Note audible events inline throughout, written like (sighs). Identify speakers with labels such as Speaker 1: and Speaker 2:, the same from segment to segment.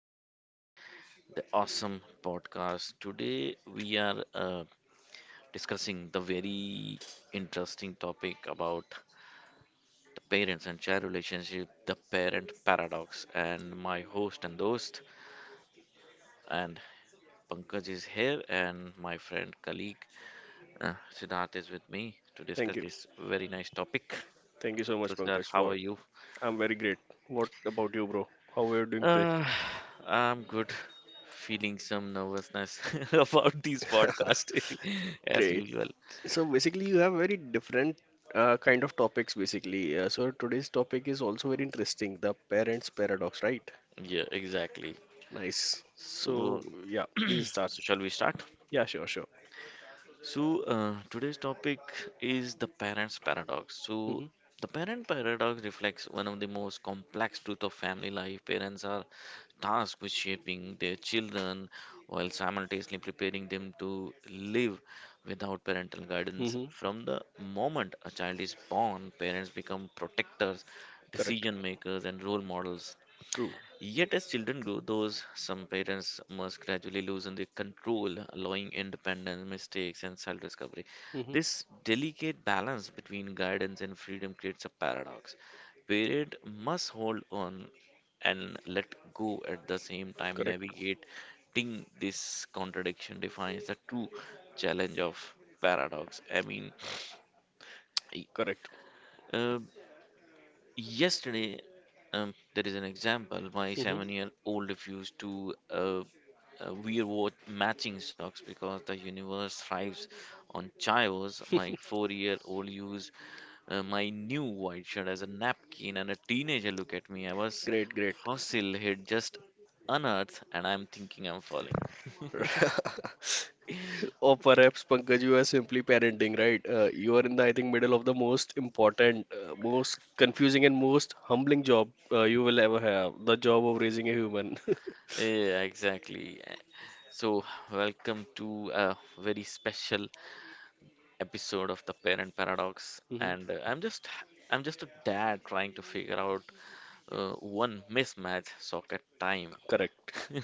Speaker 1: massive, the awesome podcast. Today we are discussing the very interesting topic about the parents and child relationship, the parent paradox. And my host and and Pankaj is here, and my friend colleague Siddharth is with me to
Speaker 2: Thank
Speaker 1: discuss
Speaker 2: you.
Speaker 1: this very nice topic.
Speaker 2: Thank you so
Speaker 1: So
Speaker 2: much,
Speaker 1: Siddharth,
Speaker 2: Pankaj,
Speaker 1: how are
Speaker 2: for
Speaker 1: you?
Speaker 2: I'm very great. What about you, bro? How are you doing today?
Speaker 1: Uh, I'm good. Feeling some nervousness (laughs) about this
Speaker 2: (laughs)
Speaker 1: podcast (laughs) as
Speaker 2: Great.
Speaker 1: usual.
Speaker 2: So basically, you have very different kind of topics, basically. So today's topic is also very interesting, the parents' paradox, right?
Speaker 1: Yeah, exactly.
Speaker 2: Nice. So
Speaker 1: So,
Speaker 2: yeah, please
Speaker 1: (clears throat)
Speaker 2: start.
Speaker 1: so shall we start?
Speaker 2: Yeah, sure, sure.
Speaker 1: So, today's topic is the parent's paradox. So,
Speaker 2: Mm-hmm.
Speaker 1: the parent paradox reflects one of the most complex truths of family life. Parents are tasked with shaping their children while simultaneously preparing them to live without parental guidance.
Speaker 2: Mm-hmm.
Speaker 1: From the moment a child is born, parents become protectors,
Speaker 2: Correct.
Speaker 1: decision makers, and role models.
Speaker 2: True.
Speaker 1: Yet, as children grow, those some parents must gradually loosen their control, allowing independence, mistakes, and self discovery.
Speaker 2: Mm-hmm.
Speaker 1: This delicate balance between guidance and freedom creates a paradox. Parent must hold on and let go at the same time,
Speaker 2: Correct.
Speaker 1: navigating this contradiction defines the true challenge of paradox. I mean,
Speaker 2: Correct.
Speaker 1: (sniffs) uh, yesterday, there is an example. My
Speaker 2: Mm-hmm.
Speaker 1: seven-year-old refused to wear what matching socks because the universe thrives on chaos. My four-year-old used my new white shirt as a napkin, and a teenager looked at me. I was
Speaker 2: Great, great.
Speaker 1: fossil had just unearthed, and I'm thinking I'm falling. (laughs)
Speaker 2: (laughs) Or perhaps, Pankaj, you are simply parenting, right? You are in the, I think, middle of the most important, most confusing, and most humbling job you will ever have, the job of raising a human. (laughs)
Speaker 1: Yeah, exactly. So, welcome to a very special episode of the Parent Paradox,
Speaker 2: Mhm.
Speaker 1: and I'm just a dad trying to figure out uh, one mismatch socket time.
Speaker 2: Correct.
Speaker 1: (laughs)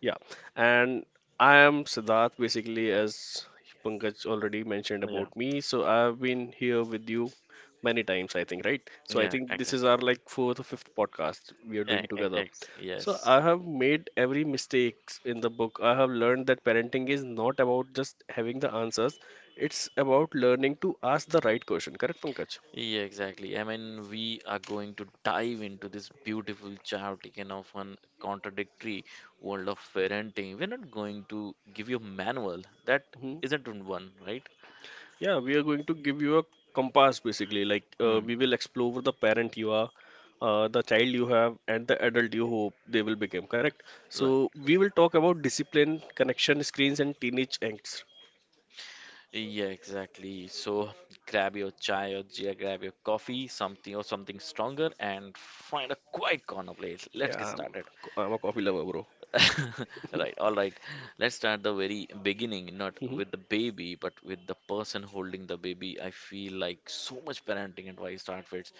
Speaker 2: Yeah, and I am Siddharth basically, as Pankaj already mentioned
Speaker 1: Yeah,
Speaker 2: about me. So I've been here with you many times, I think, right? So I
Speaker 1: yeah,
Speaker 2: think this is
Speaker 1: exactly.
Speaker 2: our like fourth or fifth podcast we are
Speaker 1: Yeah,
Speaker 2: doing together. So I
Speaker 1: yes.
Speaker 2: have made every mistakes in the book. I have learned that parenting is not about just having the answers. It's about learning to ask the right question. Correct, Pankaj?
Speaker 1: Yeah, exactly. I mean, we are going to dive into this beautiful, chaotic, and often contradictory world of parenting. We're not going to give you a manual. That
Speaker 2: Mm-hmm.
Speaker 1: isn't one, right?
Speaker 2: Yeah, we are going to give you a compass basically. We
Speaker 1: Mm.
Speaker 2: will explore the parent you are, the child you have, and the adult you hope they will become, correct?
Speaker 1: Right.
Speaker 2: So, we will talk about discipline, connection, screens, and teenage angst.
Speaker 1: Yeah, exactly. So grab your chai or yeah, grab your coffee, something or something stronger, and find a quiet corner place. Let's
Speaker 2: Yeah,
Speaker 1: get
Speaker 2: I'm,
Speaker 1: started.
Speaker 2: I'm a coffee lover, bro.
Speaker 1: (laughs) Right, all right. Let's start the very beginning, not
Speaker 2: Mhm.
Speaker 1: with the baby, but with the person holding the baby. I feel like so much parenting advice starts with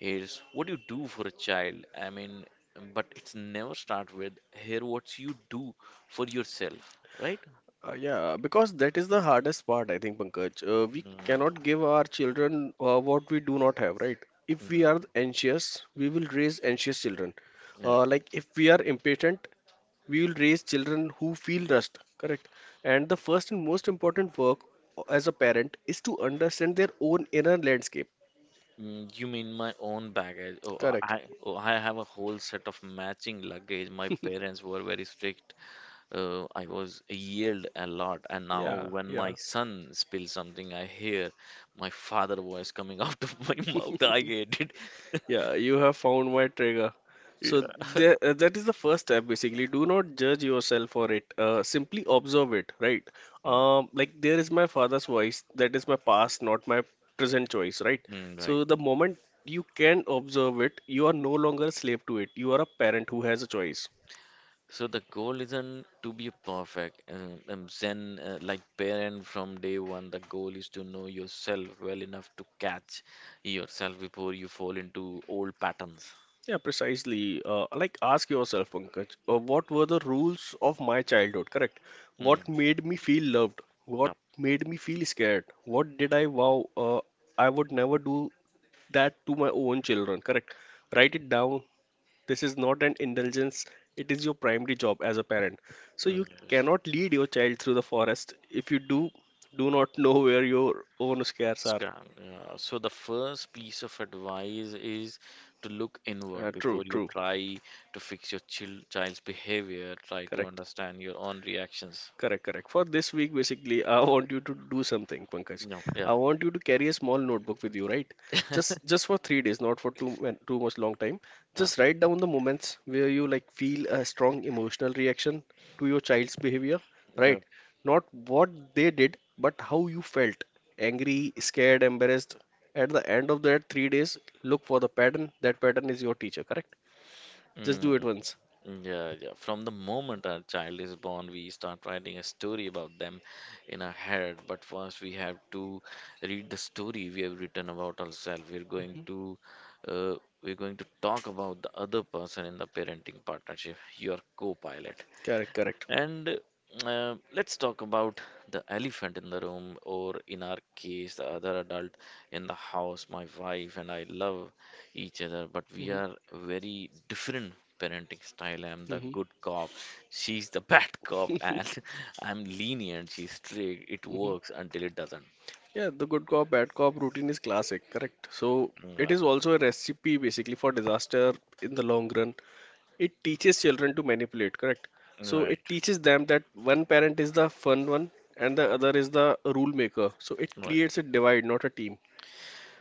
Speaker 1: is what you do for a child. I mean, but it's never start with here what you do for yourself, right?
Speaker 2: Yeah, because that is the hardest part, I think, Pankaj. We
Speaker 1: Mm.
Speaker 2: cannot give our children what we do not have, right? If we
Speaker 1: Mm.
Speaker 2: are anxious, we will raise anxious children.
Speaker 1: Yeah.
Speaker 2: Like if we are impatient, we will raise children who feel rushed, correct? And the first and most important work as a parent is to understand their own inner landscape,
Speaker 1: Mm, you mean my own baggage? Oh,
Speaker 2: correct.
Speaker 1: I oh, I have a whole set of matching luggage. My parents were very strict. I was yelled a lot, and now
Speaker 2: yeah
Speaker 1: when
Speaker 2: yeah
Speaker 1: my son spills something, I hear my father voice coming (laughs) out of my (laughs) mouth. I hate it. (laughs)
Speaker 2: yeah, you have found my trigger. So
Speaker 1: Yeah.
Speaker 2: there, that is the first step basically. Do not judge yourself for it, simply observe it, right?
Speaker 1: Mm.
Speaker 2: Like there is my father's voice. That is my past, not my present choice, right?
Speaker 1: Mm. Right.
Speaker 2: So the moment you can observe it, you are no longer a slave to it. You are a parent who has a choice.
Speaker 1: So the goal isn't to be perfect. Zen, like parent from day one, the goal is to know yourself well enough to catch yourself before you fall into old patterns.
Speaker 2: Yeah, precisely. Ask yourself, Pankaj, what were the rules of my childhood, correct? What
Speaker 1: Mm.
Speaker 2: made me feel loved? What
Speaker 1: Yeah.
Speaker 2: made me feel scared? What did I vow I would never do that to my own children, correct? Write it down. This is not an indulgence, it is your primary job as a parent. So, you
Speaker 1: Mm, yes,
Speaker 2: cannot lead your child through the forest if do not know where your own scares are.
Speaker 1: scam. Yeah. So the first piece of advice is to look inward
Speaker 2: True,
Speaker 1: before you
Speaker 2: true,
Speaker 1: try to fix your child's behavior. Try to
Speaker 2: correct.
Speaker 1: understand your own reactions.
Speaker 2: Correct, correct. For this week, basically, I want you to do something, Pankaj.
Speaker 1: No, yeah,
Speaker 2: I want you to carry a small notebook with you, right? Just
Speaker 1: (laughs)
Speaker 2: just for 3 days, not for too much long time.
Speaker 1: yeah,
Speaker 2: Just write down the moments where you like feel a strong emotional reaction to your child's behavior,
Speaker 1: yeah.
Speaker 2: right? Not what they did, but how you felt. Angry, scared, embarrassed. At the end of that 3 days, look for the pattern. That pattern is your teacher, correct? Just do it
Speaker 1: Mm.
Speaker 2: once.
Speaker 1: Yeah, yeah. From the moment our child is born, we start writing a story about them in our head. But first, we have to read the story we have written about ourselves.
Speaker 2: Hmm.
Speaker 1: Uh, we're going to talk about the other person in the parenting partnership, your co-pilot.
Speaker 2: Correct, correct.
Speaker 1: And let's talk about the elephant in the room, or in our case, the other adult in the house. My wife and I love each other, but we
Speaker 2: Hmm.
Speaker 1: are very different parenting style. I'm the
Speaker 2: Hmm.
Speaker 1: good cop, she's the bad cop, and (laughs) I'm lenient, she's strict. It works
Speaker 2: (laughs)
Speaker 1: until it doesn't.
Speaker 2: Yeah, the good cop, bad cop routine is classic, correct? So it
Speaker 1: Yeah,
Speaker 2: is also a recipe basically for disaster in the long run. It teaches children to manipulate, correct? So
Speaker 1: right,
Speaker 2: it teaches them that one parent is the fun one and the other is the rule maker. So it
Speaker 1: right.
Speaker 2: creates a divide, not a team.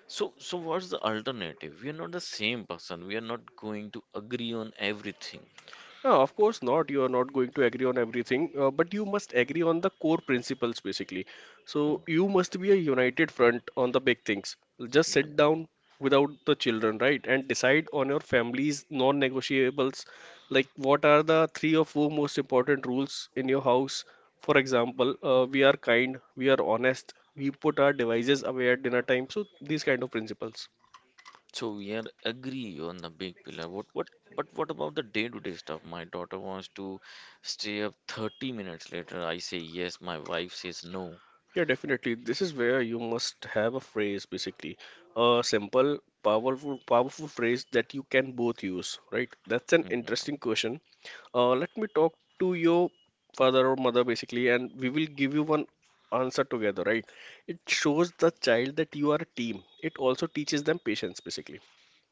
Speaker 1: So, so what's the alternative? We are not the same person. We are not going to agree on everything.
Speaker 2: No, of course not. You are not going to agree on everything, but you must agree on the core principles basically. So you must be a united front on the big things. Just
Speaker 1: Mm.
Speaker 2: sit down without the children, right? And decide on your family's non-negotiables. Like what are the three or four most important rules in your house? For example, we are kind, we are honest, we put our devices away at dinner time. So these kind of principles.
Speaker 1: So we are agree on the big pillar. What but what about the day-to-day stuff? My daughter wants to stay up 30 minutes later. I say yes, my wife says no.
Speaker 2: Yeah, definitely. This is where you must have a phrase, basically, a simple, powerful phrase that you can both use, right? That's an
Speaker 1: Mhm.
Speaker 2: interesting question. Let me talk to your father or mother, basically, and we will give you one answer together, right? It shows the child that you are a team. It also teaches them patience, basically.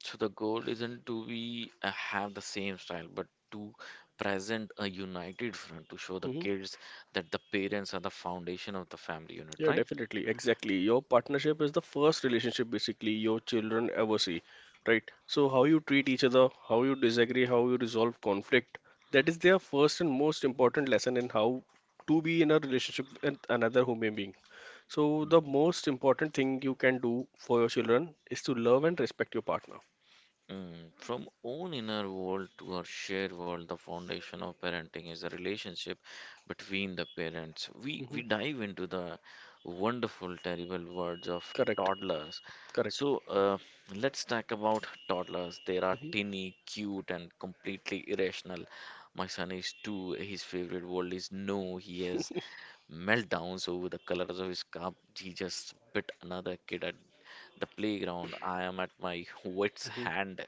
Speaker 1: So the goal isn't to be have the same style, but to present a united front to show the
Speaker 2: Mhm.
Speaker 1: kids that the parents are the foundation of the family unit,
Speaker 2: Yeah,
Speaker 1: right?
Speaker 2: definitely. Exactly. Your partnership is the first relationship basically your children ever see, right? So, how you treat each other, how you disagree, how you resolve conflict, that is their first and most important lesson in how to be in a relationship with another human being. So, the most important thing you can do for your children is to love and respect your partner.
Speaker 1: Mm, from own inner world to our shared world, the foundation of parenting is the relationship between the parents. We
Speaker 2: Hmm.
Speaker 1: we dive into the wonderful, terrible words of
Speaker 2: Correct.
Speaker 1: toddlers.
Speaker 2: Correct.
Speaker 1: So let's talk about toddlers. They are
Speaker 2: Hmm.
Speaker 1: teeny, cute, and completely irrational. My son is two. His favorite word is no. He has meltdowns over the colors of his cup. He just bit another kid at the playground. I am at my wits' hand.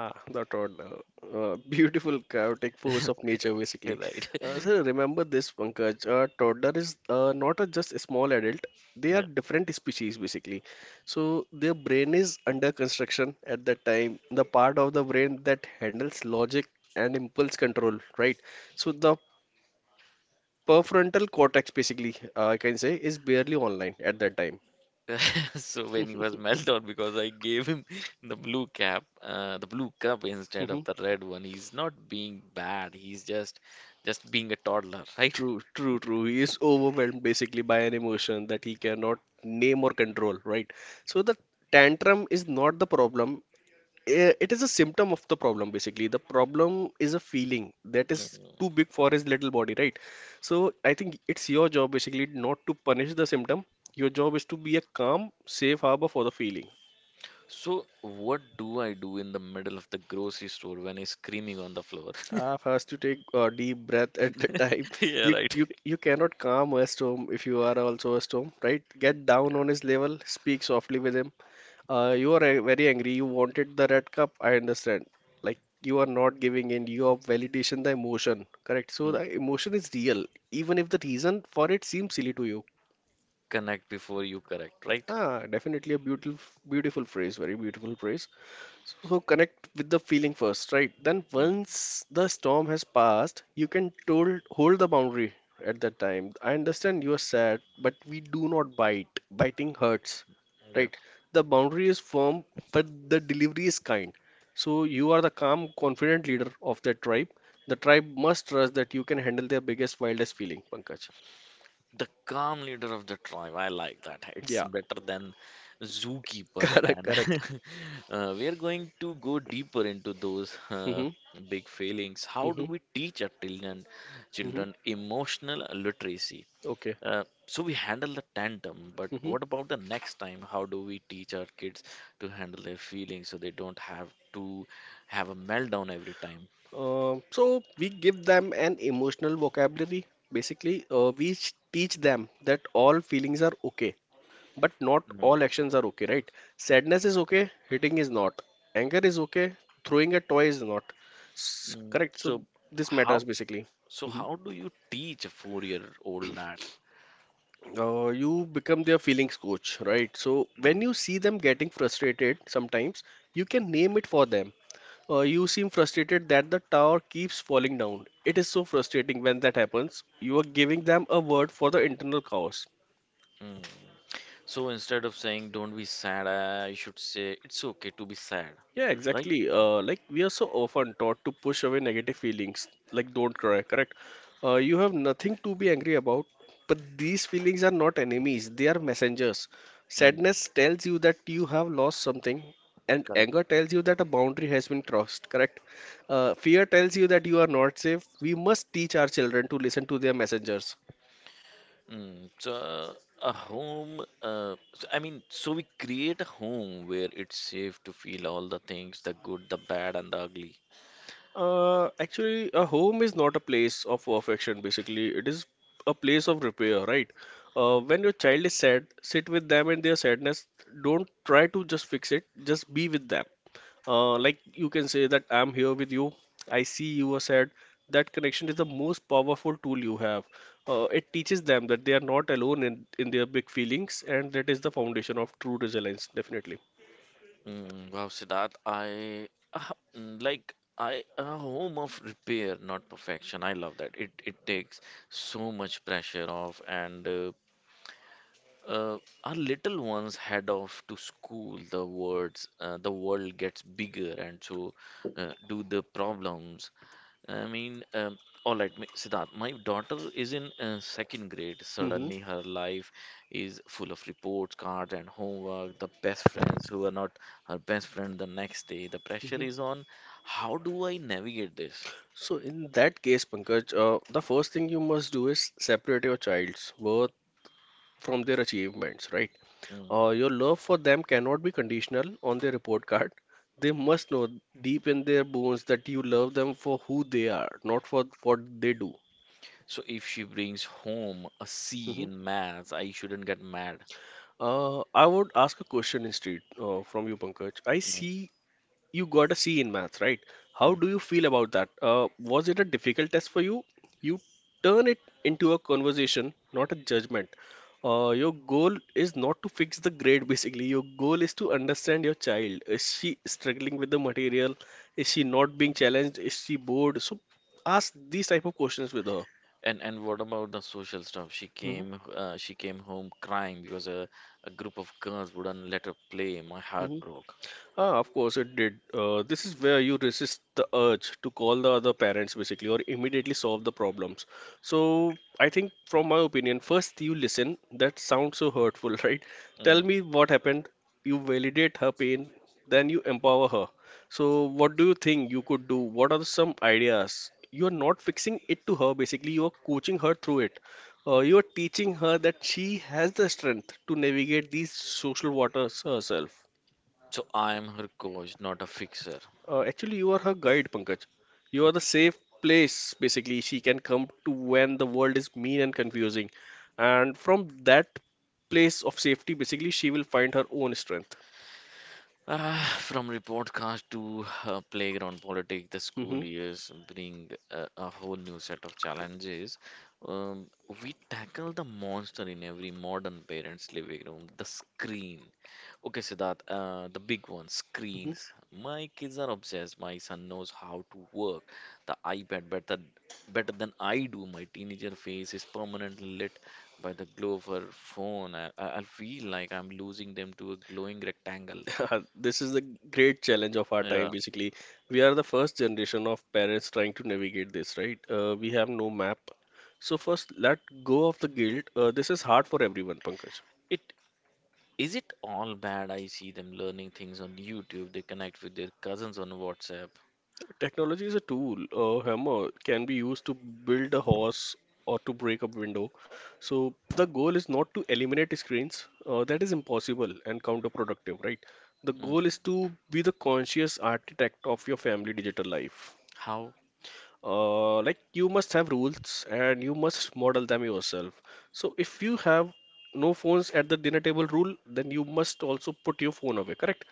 Speaker 2: Ah, the toddler. Beautiful chaotic force of
Speaker 1: (laughs)
Speaker 2: nature, basically.
Speaker 1: Right.
Speaker 2: So remember this, Pankaj. A toddler is not a just a small adult. They are
Speaker 1: Yeah.
Speaker 2: different species, basically. So their brain is under construction at that time. The part of the brain that handles logic and impulse control, right? So the prefrontal cortex, basically, I can say, is barely online at that time.
Speaker 1: (laughs) So when he was meltdown because I gave him the blue cap, the blue cup instead of the
Speaker 2: (laughs)
Speaker 1: red one. He's not being bad. He's just being a toddler, right?
Speaker 2: True, true, true. He is overwhelmed basically by an emotion that he cannot name or control, right? So the tantrum is not the problem. It is a symptom of the problem, basically. The problem is a feeling that is too
Speaker 1: Mhm.
Speaker 2: big for his little body, right? So I think it's your job basically not to punish the symptom. Your job is to be a calm, safe harbor for the feeling.
Speaker 1: So what do I do in the middle of the grocery store when he's screaming on the floor? (laughs)
Speaker 2: Ah, first you take a deep breath at the time. (laughs)
Speaker 1: Yeah,
Speaker 2: You
Speaker 1: right.
Speaker 2: you you cannot calm a storm if you are also a storm, right? Get down on his level, speak softly with him. You are very angry. You wanted the red cup. I understand. Like you are not giving in. You are validation the emotion, correct? So
Speaker 1: Mm.
Speaker 2: the emotion is real, even if the reason for it seems silly to you.
Speaker 1: Connect before you correct, right?
Speaker 2: Ah, definitely a beautiful phrase. Very beautiful phrase. So connect with the feeling first, right? Then
Speaker 1: Mm.
Speaker 2: once the storm has passed, you can hold the boundary at that time. I understand you are sad, but we do not bite. Biting hurts, right? The boundary is firm, but the delivery is kind. So you are the calm, confident leader of the tribe. The tribe must trust that you can handle their biggest, wildest feeling, Pankaj.
Speaker 1: The calm leader of the tribe. I like that. It's
Speaker 2: Yeah,
Speaker 1: better than
Speaker 2: (laughs)
Speaker 1: zookeeper.
Speaker 2: correct, correct.
Speaker 1: And (laughs) we are going to go deeper into those
Speaker 2: Mm-hmm,
Speaker 1: big failings. How
Speaker 2: mm-hmm,
Speaker 1: do we teach our children,
Speaker 2: mm-hmm.
Speaker 1: children emotional literacy?
Speaker 2: Okay.
Speaker 1: So we handle the tantrum, but
Speaker 2: Mm-hmm.
Speaker 1: what about the next time? How do we teach our kids to handle their feelings so they don't have to have a meltdown every time?
Speaker 2: So we give them an emotional vocabulary. Basically, we teach them that all feelings are okay, but not
Speaker 1: Mm.
Speaker 2: all actions are okay, right? Sadness is okay, hitting is not. Anger is okay, throwing a toy is not.
Speaker 1: Mm.
Speaker 2: Correct. So this
Speaker 1: How
Speaker 2: matters basically.
Speaker 1: so
Speaker 2: Mhm.
Speaker 1: how do you teach a four-year-old that?
Speaker 2: You become their feelings coach, right? So when
Speaker 1: Mm.
Speaker 2: you see them getting frustrated, sometimes you can name it for them. You seem frustrated that the tower keeps falling down. It is so frustrating when that happens. You are giving them a word for the internal chaos.
Speaker 1: Mm. So instead of saying "Don't be sad," I should say "It's okay to be sad,"
Speaker 2: Yeah,
Speaker 1: right?
Speaker 2: exactly. Like we are so often taught to push away negative feelings, like don't cry, correct? You have nothing to be angry about, but these feelings are not enemies, they are messengers.
Speaker 1: Mm,
Speaker 2: Sadness tells you that you have lost something, and
Speaker 1: correct.
Speaker 2: anger tells you that a boundary has been crossed, correct? Fear tells you that you are not safe. We must teach our children to listen to their messengers.
Speaker 1: Mm, so a home, so we create a home where it's safe to feel all the things, the good, the bad, and the ugly.
Speaker 2: Actually, a home is not a place of affection. Basically. It is a place of repair, right? When your child is sad, sit with them in their sadness. Don't try to just fix it, just be with them. Like you can say that I'm here with you, I see you are sad. That connection is the most powerful tool you have. It teaches them that they are not alone in their big feelings, and that is the foundation of true resilience, definitely.
Speaker 1: Mm, wow, Siddharth, like I a home of repair, not perfection. I love that. It takes so much pressure off, and Uh, our little ones head off to school. The words, the world gets bigger, and so do the problems. I mean, all right, Siddharth, my daughter is in second grade.
Speaker 2: Hmm.
Speaker 1: Suddenly, her life is full of reports, cards, and homework. The best friends who are not her best friend the next day. The pressure is on. How do I navigate this?
Speaker 2: So in that case, Pankaj, the first thing you must do is separate your child's worth from their achievements, right?
Speaker 1: Mm.
Speaker 2: Your love for them cannot be conditional on their report card. They must know deep in their bones that you love them for who they are, not for what they do.
Speaker 1: So, if she brings home a C
Speaker 2: Mhm.
Speaker 1: in maths, I shouldn't get mad.
Speaker 2: I would ask a question instead from you, Pankaj. I
Speaker 1: Mm.
Speaker 2: see you got a C in maths, right? How
Speaker 1: Mm.
Speaker 2: do you feel about that? Was it a difficult test for you? You turn it into a conversation, not a judgment. Your goal is not to fix the grade, (laughs) basically. Your goal is to understand your child. Is she struggling with the material? Is she not being challenged? Is she bored? So ask these type of questions with her.
Speaker 1: And what about the social stuff? She
Speaker 2: Hmm.
Speaker 1: came uh, she came home crying because a group of girls wouldn't let her play. My heart broke.
Speaker 2: Ah, of course it did. This is where you resist the urge to call the other parents basically or immediately solve the problems. So I think from my opinion, first you listen. That sounds so hurtful, (laughs) right? Tell
Speaker 1: Mm.
Speaker 2: me what happened. You validate her pain, then you empower her. So what do you think you could do? What are some ideas? You're not fixing it to her basically, you're coaching her through it. You're teaching her that she has the strength to navigate these social waters herself.
Speaker 1: So I'm her coach, not a fixer.
Speaker 2: Actually, you are her guide, Pankaj. You are the
Speaker 1: Okay.
Speaker 2: safe place, basically, she can come to when the world is mean and confusing. And from that place of safety, basically, she will find her own strength.
Speaker 1: From report cards to playground politics, the school
Speaker 2: Hmm
Speaker 1: years bring a whole new set of challenges. Um, we tackle the monster in every modern parent's living room, the screen. Okay, Siddharth, the big one,
Speaker 2: hmm
Speaker 1: screens. My kids are obsessed. My son knows how to work the iPad better than I do. My teenager face is permanently lit by the glow of her phone. I feel like I'm losing them to a glowing rectangle.
Speaker 2: (laughs) This is the great challenge of our time,
Speaker 1: Yeah.
Speaker 2: basically. We are the first generation of parents trying to navigate this, right? We have no map. So, first, let go of the guilt. This is hard for everyone, Pankaj.
Speaker 1: It is it all bad? I see them learning things on YouTube. They connect with their cousins on WhatsApp.
Speaker 2: Technology is a tool. A hammer can be used to build a horse or to break a window. So the goal is not to eliminate screens. That is impossible and counterproductive, right? The goal
Speaker 1: Mm.
Speaker 2: is to be the conscious architect of your family digital life,
Speaker 1: How?
Speaker 2: like you must have rules and you must model them yourself. So if you have no phones at the dinner table rule, then you must also put your phone away, correct?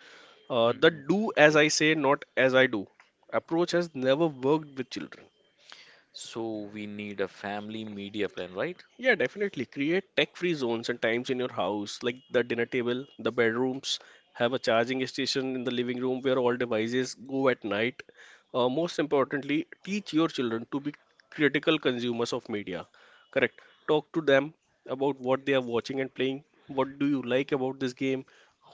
Speaker 2: The
Speaker 1: Mm,
Speaker 2: do as
Speaker 1: okay.
Speaker 2: I say, not as I do approach has never worked with children.
Speaker 1: So we need a family media plan, right?
Speaker 2: Yeah, definitely. Create tech-free zones and times in your house, like the dinner table, the bedrooms. Have a charging station in the living room where all devices go at night. Most importantly, teach your children to be critical consumers of media. Correct. Talk to them about what they are watching and playing. What do you like about this game?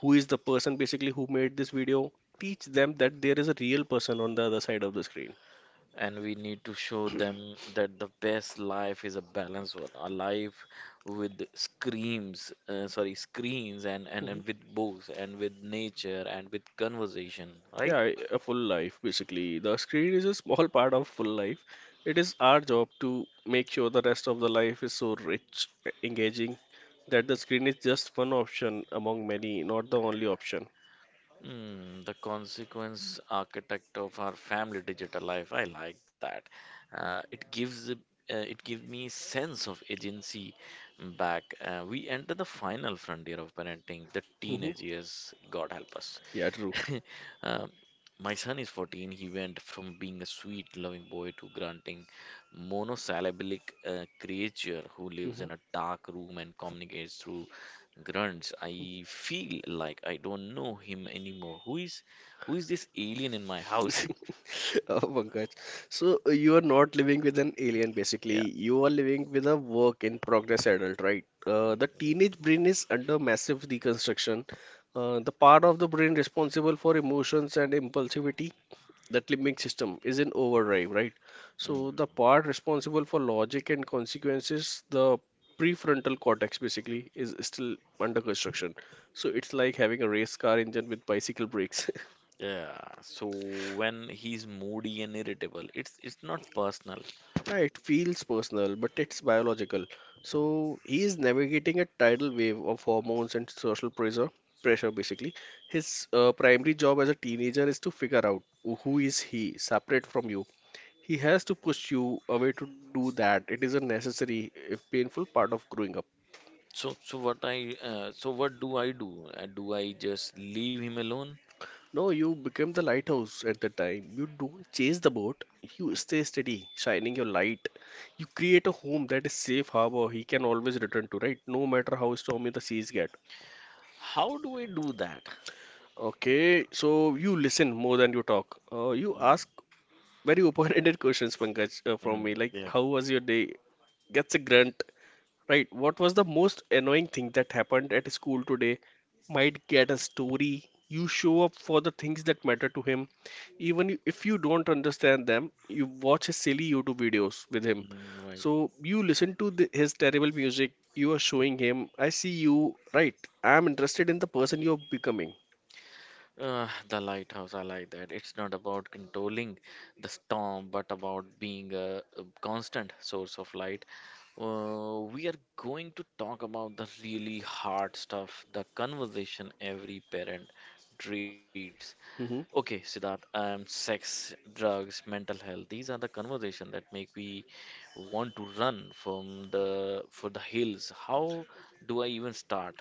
Speaker 2: Who is the person basically who made this video? Teach them that there is a real person on the other side of the screen.
Speaker 1: And we need to show them that the best life is a balanced one, a life with screams, sorry, screens and, and,
Speaker 2: Mm-hmm.
Speaker 1: and with books and with nature and with conversation,
Speaker 2: Yeah,
Speaker 1: right?
Speaker 2: I- a full life basically. The screen is a small (laughs) part of full life. It is our job to make sure the rest of the life is so rich, engaging, that the screen is just one option among many, not the only option.
Speaker 1: Mm, the consequence architect of our family digital life. I like that. Uh, it gives it- it gives me sense of agency back. We enter the final frontier of parenting, the
Speaker 2: Hmm
Speaker 1: teenage years. God help us.
Speaker 2: Yeah, true.
Speaker 1: (laughs) Um, my son is 14. He went from being a sweet, loving boy to grunting, monosyllabic creature who lives
Speaker 2: Hmm
Speaker 1: in a dark room and communicates through grunts. I feel like I don't know him anymore. Who is this alien in my house? (laughs)
Speaker 2: (laughs) Oh, Pankaj. So you are not living with an alien, basically.
Speaker 1: Yeah.
Speaker 2: You are living with a work in progress adult, right? The teenage brain is under massive deconstruction. The part of the brain responsible for emotions and impulsivity, that limbic system, is in overdrive, right?
Speaker 1: Mm,
Speaker 2: So the part responsible for logic and consequences, the prefrontal cortex basically, is still under construction. So it's like having a race car engine with bicycle brakes. (laughs)
Speaker 1: yeah. So when he's moody and irritable, it's not personal.
Speaker 2: Yeah, it feels personal, but it's biological. So he is navigating a tidal wave of hormones and social pressure, basically. His primary job as a teenager is to figure out who is he separate from you. He has to push you away to do that. It is a necessary, if painful, part of growing up.
Speaker 1: So what do I do? Do I just leave him alone?
Speaker 2: No, you become the lighthouse at the time. You don't chase the boat. You stay steady, shining your light. You create a home that is safe harbor he can always return to, right? No matter how stormy the seas get.
Speaker 1: How do I do that?
Speaker 2: Okay, so you listen more than you talk. You ask
Speaker 1: Mm.
Speaker 2: very open-ended (laughs) questions, Pankaj, from
Speaker 1: Mm.
Speaker 2: me, like
Speaker 1: Yeah.
Speaker 2: how was your day? Gets a grunt. Right, what was the most annoying thing that happened at school today? Might get a story. You show up for the things that matter to him. Even if you don't understand them, you watch his silly YouTube videos with him.
Speaker 1: Mm, right.
Speaker 2: So you listen to his terrible music. You are showing him, I see you, right? I'm interested in the person you're becoming.
Speaker 1: The lighthouse, I like that. It's not about controlling the storm, but about being a constant source of light. We are going to talk about the really hard stuff, the conversation every parent dreads.
Speaker 2: Mm-hmm.
Speaker 1: Okay, Siddharth, sex, drugs, mental health. These are the conversation that make me want to run from the for the hills. How do I even start?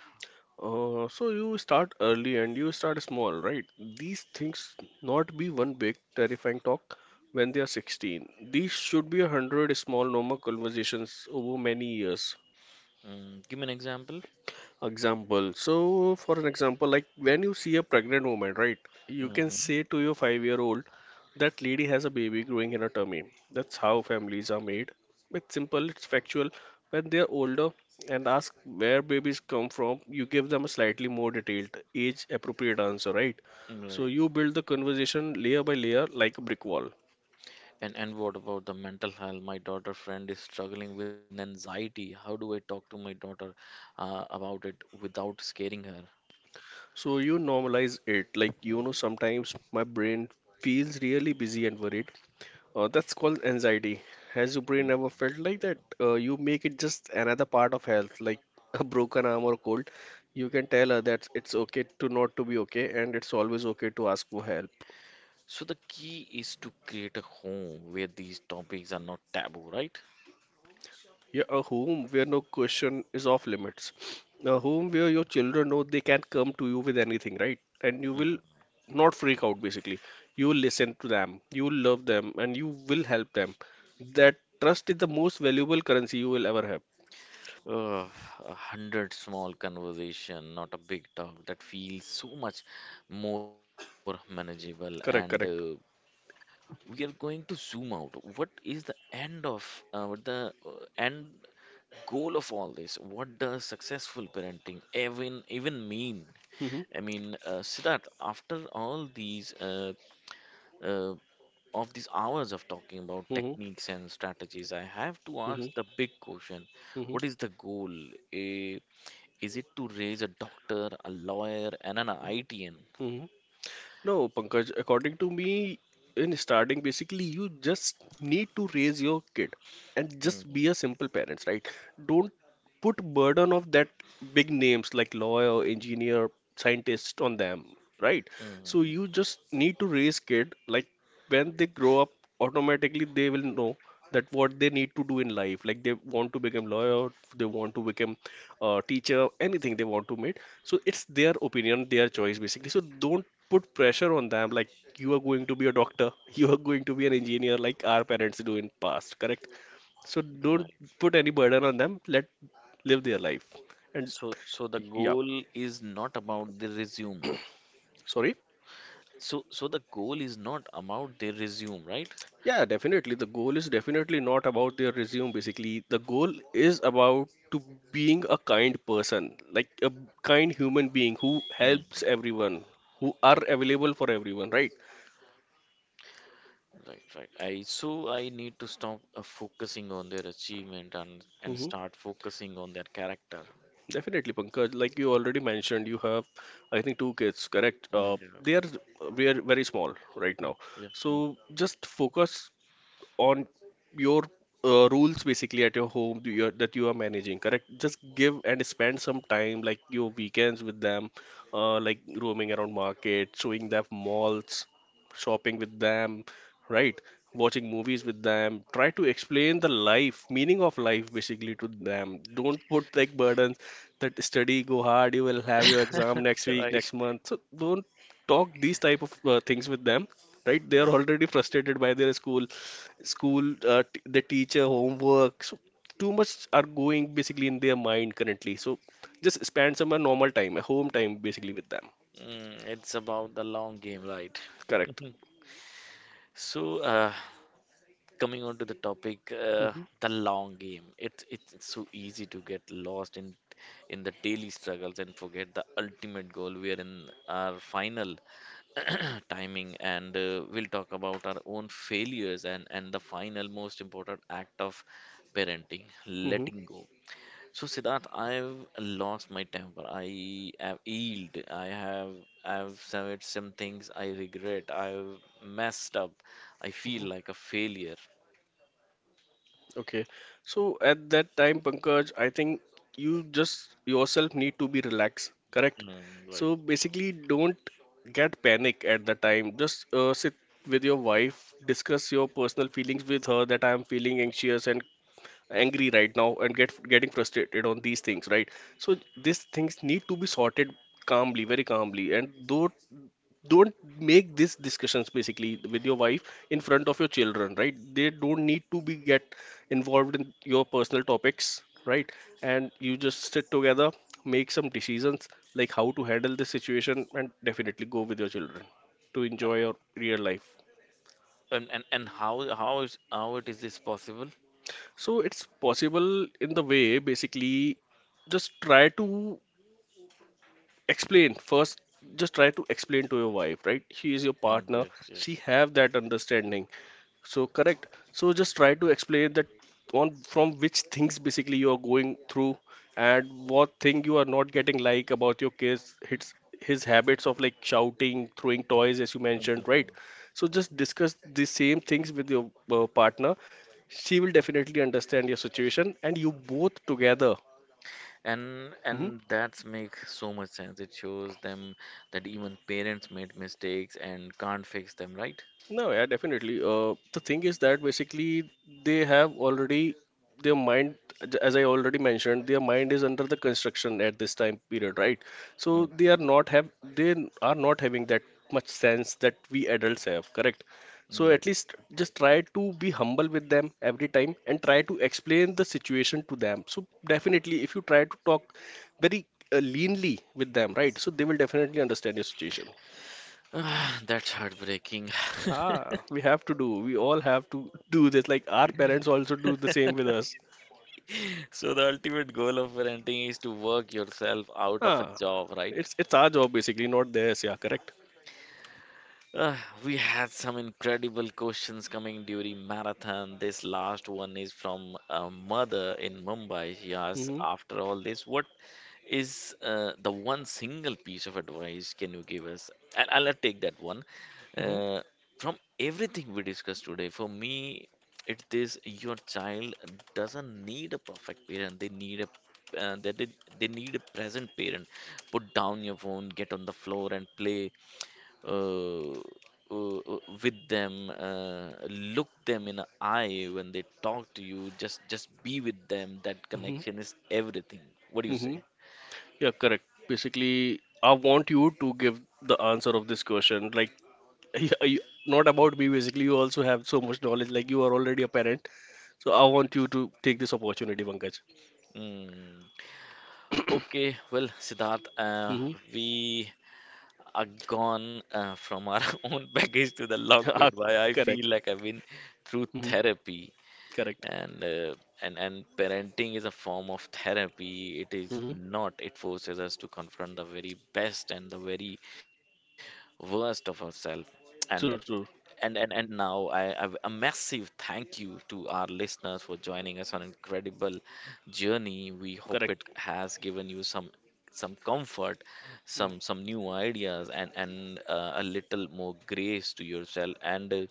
Speaker 2: So you start early and you start small, right? These things not be one big terrifying talk when they are 16. These should be 100 small normal conversations over many years.
Speaker 1: Mm, give me an example.
Speaker 2: Example. So, for an example, like when you see a pregnant woman, right, you can
Speaker 1: Mm-hmm.
Speaker 2: say to your 5-year-old, that lady has a baby growing in her tummy. That's how families are made. It's simple, it's factual. When they're older and ask where babies come from, you give them a slightly more detailed, age-appropriate answer, right? So
Speaker 1: Right.
Speaker 2: you build the conversation layer by layer like a brick wall.
Speaker 1: And what about the mental health? My daughter friend is struggling with anxiety. How do I talk to my daughter about it without scaring her?
Speaker 2: So you normalize it. Like, you know, sometimes my brain feels really busy and worried. That's called anxiety. Has your brain ever felt like that? You make it just another part of health, like (laughs) a broken arm or cold. You can tell her that it's okay to not to be okay, and it's always okay to ask for help.
Speaker 1: So the key is to create a home where these topics are not taboo, right?
Speaker 2: Yeah, a home where no question is off limits. A home where your children know they can come to you with anything, right? And you will
Speaker 1: Mhm.
Speaker 2: not freak out, basically. You will listen to them, you will love them, and you will help them. That trust is the most valuable currency you will ever have.
Speaker 1: Ugh, a hundred small conversation, not a big talk that feels so much more manageable. And
Speaker 2: Correct, correct.
Speaker 1: we are going to zoom out. What is the end of what the end goal of all this? What does successful parenting even mean?
Speaker 2: Hmm
Speaker 1: Siddharth, after all uh, these hours of talking about
Speaker 2: Mhm,
Speaker 1: techniques and strategies, I have to
Speaker 2: mhm,
Speaker 1: ask the big question.
Speaker 2: mhm,
Speaker 1: What is the goal? Eh, Is it to raise a doctor, a lawyer, and an ITN?
Speaker 2: mhm. No, Pankaj, according to me, in starting, basically, you just need to raise your kid and just
Speaker 1: Mm,
Speaker 2: be a simple parents, right? Don't put burden of that big names like lawyer, engineer, scientist on them, right? So you
Speaker 1: mm,
Speaker 2: just need to raise kid like when they grow up, automatically they will know that what they need to do in life. Like they want to become lawyer, they want to become teacher, anything they want to make. So it's their opinion, their choice basically. So don't put pressure on them like you are going to be a doctor, (laughs) you are going to be an engineer like our parents do in past, correct? So don't
Speaker 1: right.
Speaker 2: put any burden on them. Let live their life and
Speaker 1: So the
Speaker 2: yeah,
Speaker 1: goal is not about the resume.
Speaker 2: sorry.
Speaker 1: So the goal is not about the resume, right?
Speaker 2: Yeah, definitely the goal is definitely not about their resume, basically. The goal is about to being a kind person, like a kind human being who helps
Speaker 1: Mm,
Speaker 2: everyone, who are
Speaker 1: yep.
Speaker 2: available for everyone, right?
Speaker 1: Right, right. I so I need to stop focusing on their achievement and
Speaker 2: hmm
Speaker 1: start focusing on their character.
Speaker 2: Definitely, Pankaj. Like you already mentioned, you have, I think, two kids, correct?
Speaker 1: Mm,
Speaker 2: They
Speaker 1: yeah.
Speaker 2: are very, very small right now.
Speaker 1: Yeah. Yeah.
Speaker 2: So just focus on your rules basically at your home, do you, that you are managing, correct? Just give and spend some time like your weekends with them, like roaming around market, showing them malls, shopping with them, right, watching movies with them. Try to explain the life, meaning of life basically, to them. Don't put like burdens that study go hard, you will have your exam next
Speaker 1: (laughs)
Speaker 2: week,
Speaker 1: Right.
Speaker 2: next month, so don't talk these type of things with them, right? They are
Speaker 1: Yeah.
Speaker 2: already frustrated by their school. School, t the teacher, homework. So too much are going basically in their mind currently. So just spend some normal time, a home time basically, with them.
Speaker 1: Mm, it's about the long game, right? (laughs)
Speaker 2: Correct.
Speaker 1: So, uh, coming on to the topic,
Speaker 2: Hmm
Speaker 1: the long game. It's so easy to get lost in the daily struggles and forget the ultimate goal. We are in our final (clears throat) timing, and we'll talk about our own failures and the final most important act of parenting,
Speaker 2: hmm
Speaker 1: letting go. So Siddharth, I've lost my temper. I have yielded. I've said some things I regret. I've messed up. I
Speaker 2: hmm
Speaker 1: feel like a failure.
Speaker 2: Okay. So at that time, Pankaj, I think you just yourself need to be relaxed, correct?
Speaker 1: Mm, right.
Speaker 2: So basically, don't get panic at the time. Just sit with your wife, discuss your personal feelings with her that I am feeling anxious and angry right now and getting frustrated on these things, right? So these things need to be sorted calmly, very calmly, and don't make these discussions basically with your wife in front of your children, right? They don't need to be get involved in your personal topics, right? And you just sit together, make some decisions like how to handle this situation, and definitely go with your children to enjoy your real life.
Speaker 1: And how is how it is this possible?
Speaker 2: So it's possible in the way basically, just try to explain first, just try to explain to your wife, right? She is your
Speaker 1: Mm,
Speaker 2: partner,
Speaker 1: yes,
Speaker 2: she
Speaker 1: yes.
Speaker 2: have that understanding. So correct, so just try to explain that on from which things basically you are going through and what thing you are not getting, like about your kids, his habits of like shouting, throwing toys, as you mentioned, right?
Speaker 1: Mhm.
Speaker 2: So just discuss the same things with your partner. She will definitely understand your situation, and you both together.
Speaker 1: And
Speaker 2: Mhm.
Speaker 1: and that's makes so much sense. It shows them that even parents made mistakes and can't fix them, right?
Speaker 2: No, yeah, definitely. The thing is that basically they have already their mind, as I already mentioned, their mind is under the construction at this time period, right? So they are
Speaker 1: Mhm.
Speaker 2: not have they are not having that much sense that we adults have, correct? So
Speaker 1: Right.
Speaker 2: at least just try to be humble with them every time and try to explain the situation to them. So definitely, if you try to talk very leanly with them, right? So they will definitely understand your situation.
Speaker 1: (sighs) Ah, that's heartbreaking.
Speaker 2: Ah, we have to do. We all have to do this. Like our parents also do the
Speaker 1: (laughs)
Speaker 2: same with us.
Speaker 1: So the ultimate goal of parenting is to work yourself out of a
Speaker 2: Ah,
Speaker 1: job, right?
Speaker 2: it's our job basically, not theirs. Yeah, correct.
Speaker 1: Uh, we had some incredible questions coming during marathon. This last one is from a mother in Mumbai. She asks,
Speaker 2: Mm-hmm.
Speaker 1: after all this, what is the one single piece of advice can you give us? And I'll take that one.
Speaker 2: Mm-hmm.
Speaker 1: Uh, from everything we discussed today, for me, it is your child doesn't need a perfect parent. They need a that they need a present parent. Put down your phone, get on the floor and play uh, uh, with them. Look them in the eye when they talk to you. Just be with them. That
Speaker 2: Mm-hmm.
Speaker 1: connection is everything. What do you say?
Speaker 2: Mm-hmm. Yeah, correct. Basically, I want you to give the answer of this question. Like, (laughs) yeah, you, not about me. Basically, you also have so much knowledge. Like, you are already a parent. So I want you to take this opportunity, Pankaj.
Speaker 1: Mm.
Speaker 2: (coughs)
Speaker 1: Okay, well, Siddharth,
Speaker 2: Mm-hmm.
Speaker 1: we are gone from our (laughs) own baggage to the long
Speaker 2: (laughs) Ah,
Speaker 1: goodbye. I
Speaker 2: correct.
Speaker 1: feel like I've been through
Speaker 2: Mm-hmm.
Speaker 1: therapy,
Speaker 2: Correct.
Speaker 1: and uh, and parenting is a form of therapy. It is
Speaker 2: Mm-hmm.
Speaker 1: not. It forces us to confront the very best and the very worst of ourselves. And
Speaker 2: True. True.
Speaker 1: and now I have a massive thank you to our listeners for joining us on an incredible journey. We hope it
Speaker 2: Correct.
Speaker 1: has given you some comfort,
Speaker 2: Mm.
Speaker 1: some new ideas, and a little more grace to yourself. And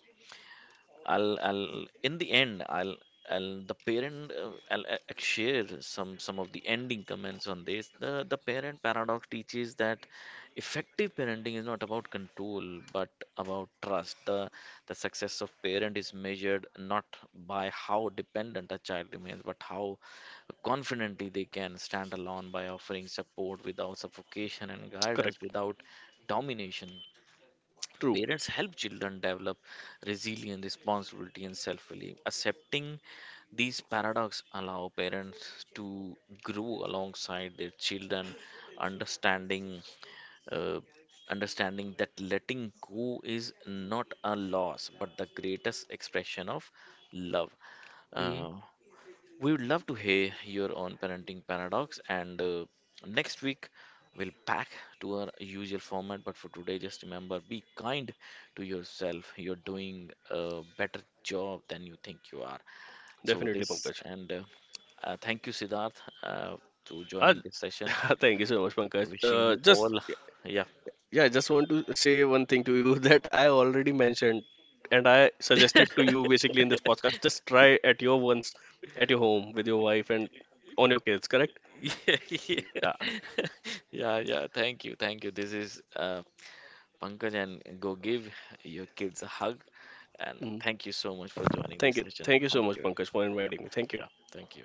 Speaker 1: I'll in the end I'll the parent I'll, share some of the ending comments on this. The parent paradox teaches that effective parenting is not about control but about trust. The success of parent is measured not by how dependent a child remains, but how confidently they can stand alone by offering support without suffocation and guidance
Speaker 2: Correct.
Speaker 1: without domination.
Speaker 2: True.
Speaker 1: Parents help children develop resilience, responsibility, and self belief. Accepting these paradoxes allow parents to grow alongside their children, understanding uh, understanding that letting go is not a loss but the greatest expression of love. Uh, we would love to hear your own parenting paradox. And next week, we'll back to our usual format. But for today, just remember be kind to yourself. You're doing a better job than you think you are. So,
Speaker 2: Definitely,
Speaker 1: this
Speaker 2: Pankaj.
Speaker 1: and thank you, Siddharth, to
Speaker 2: Uh,
Speaker 1: joining this session.
Speaker 2: (laughs) thank you so much, Pankaj.
Speaker 1: Wishing
Speaker 2: Uh,
Speaker 1: you
Speaker 2: just
Speaker 1: all, (laughs) yeah.
Speaker 2: yeah, I just want to say one thing to you (laughs) that I already mentioned and I suggested to you basically in this podcast. Just try at your once, at your home with your wife and on your kids. Correct?
Speaker 1: (laughs) yeah,
Speaker 2: Yeah.
Speaker 1: yeah. Thank you, thank you. This is Pankaj, and go give your kids a hug. And
Speaker 2: Mm.
Speaker 1: thank you so much for joining
Speaker 2: Thank
Speaker 1: this
Speaker 2: you.
Speaker 1: session.
Speaker 2: Thank you so
Speaker 1: Thank
Speaker 2: much,
Speaker 1: you.
Speaker 2: Pankaj, for
Speaker 1: Yeah,
Speaker 2: inviting me. Thank you.
Speaker 1: yeah, thank you.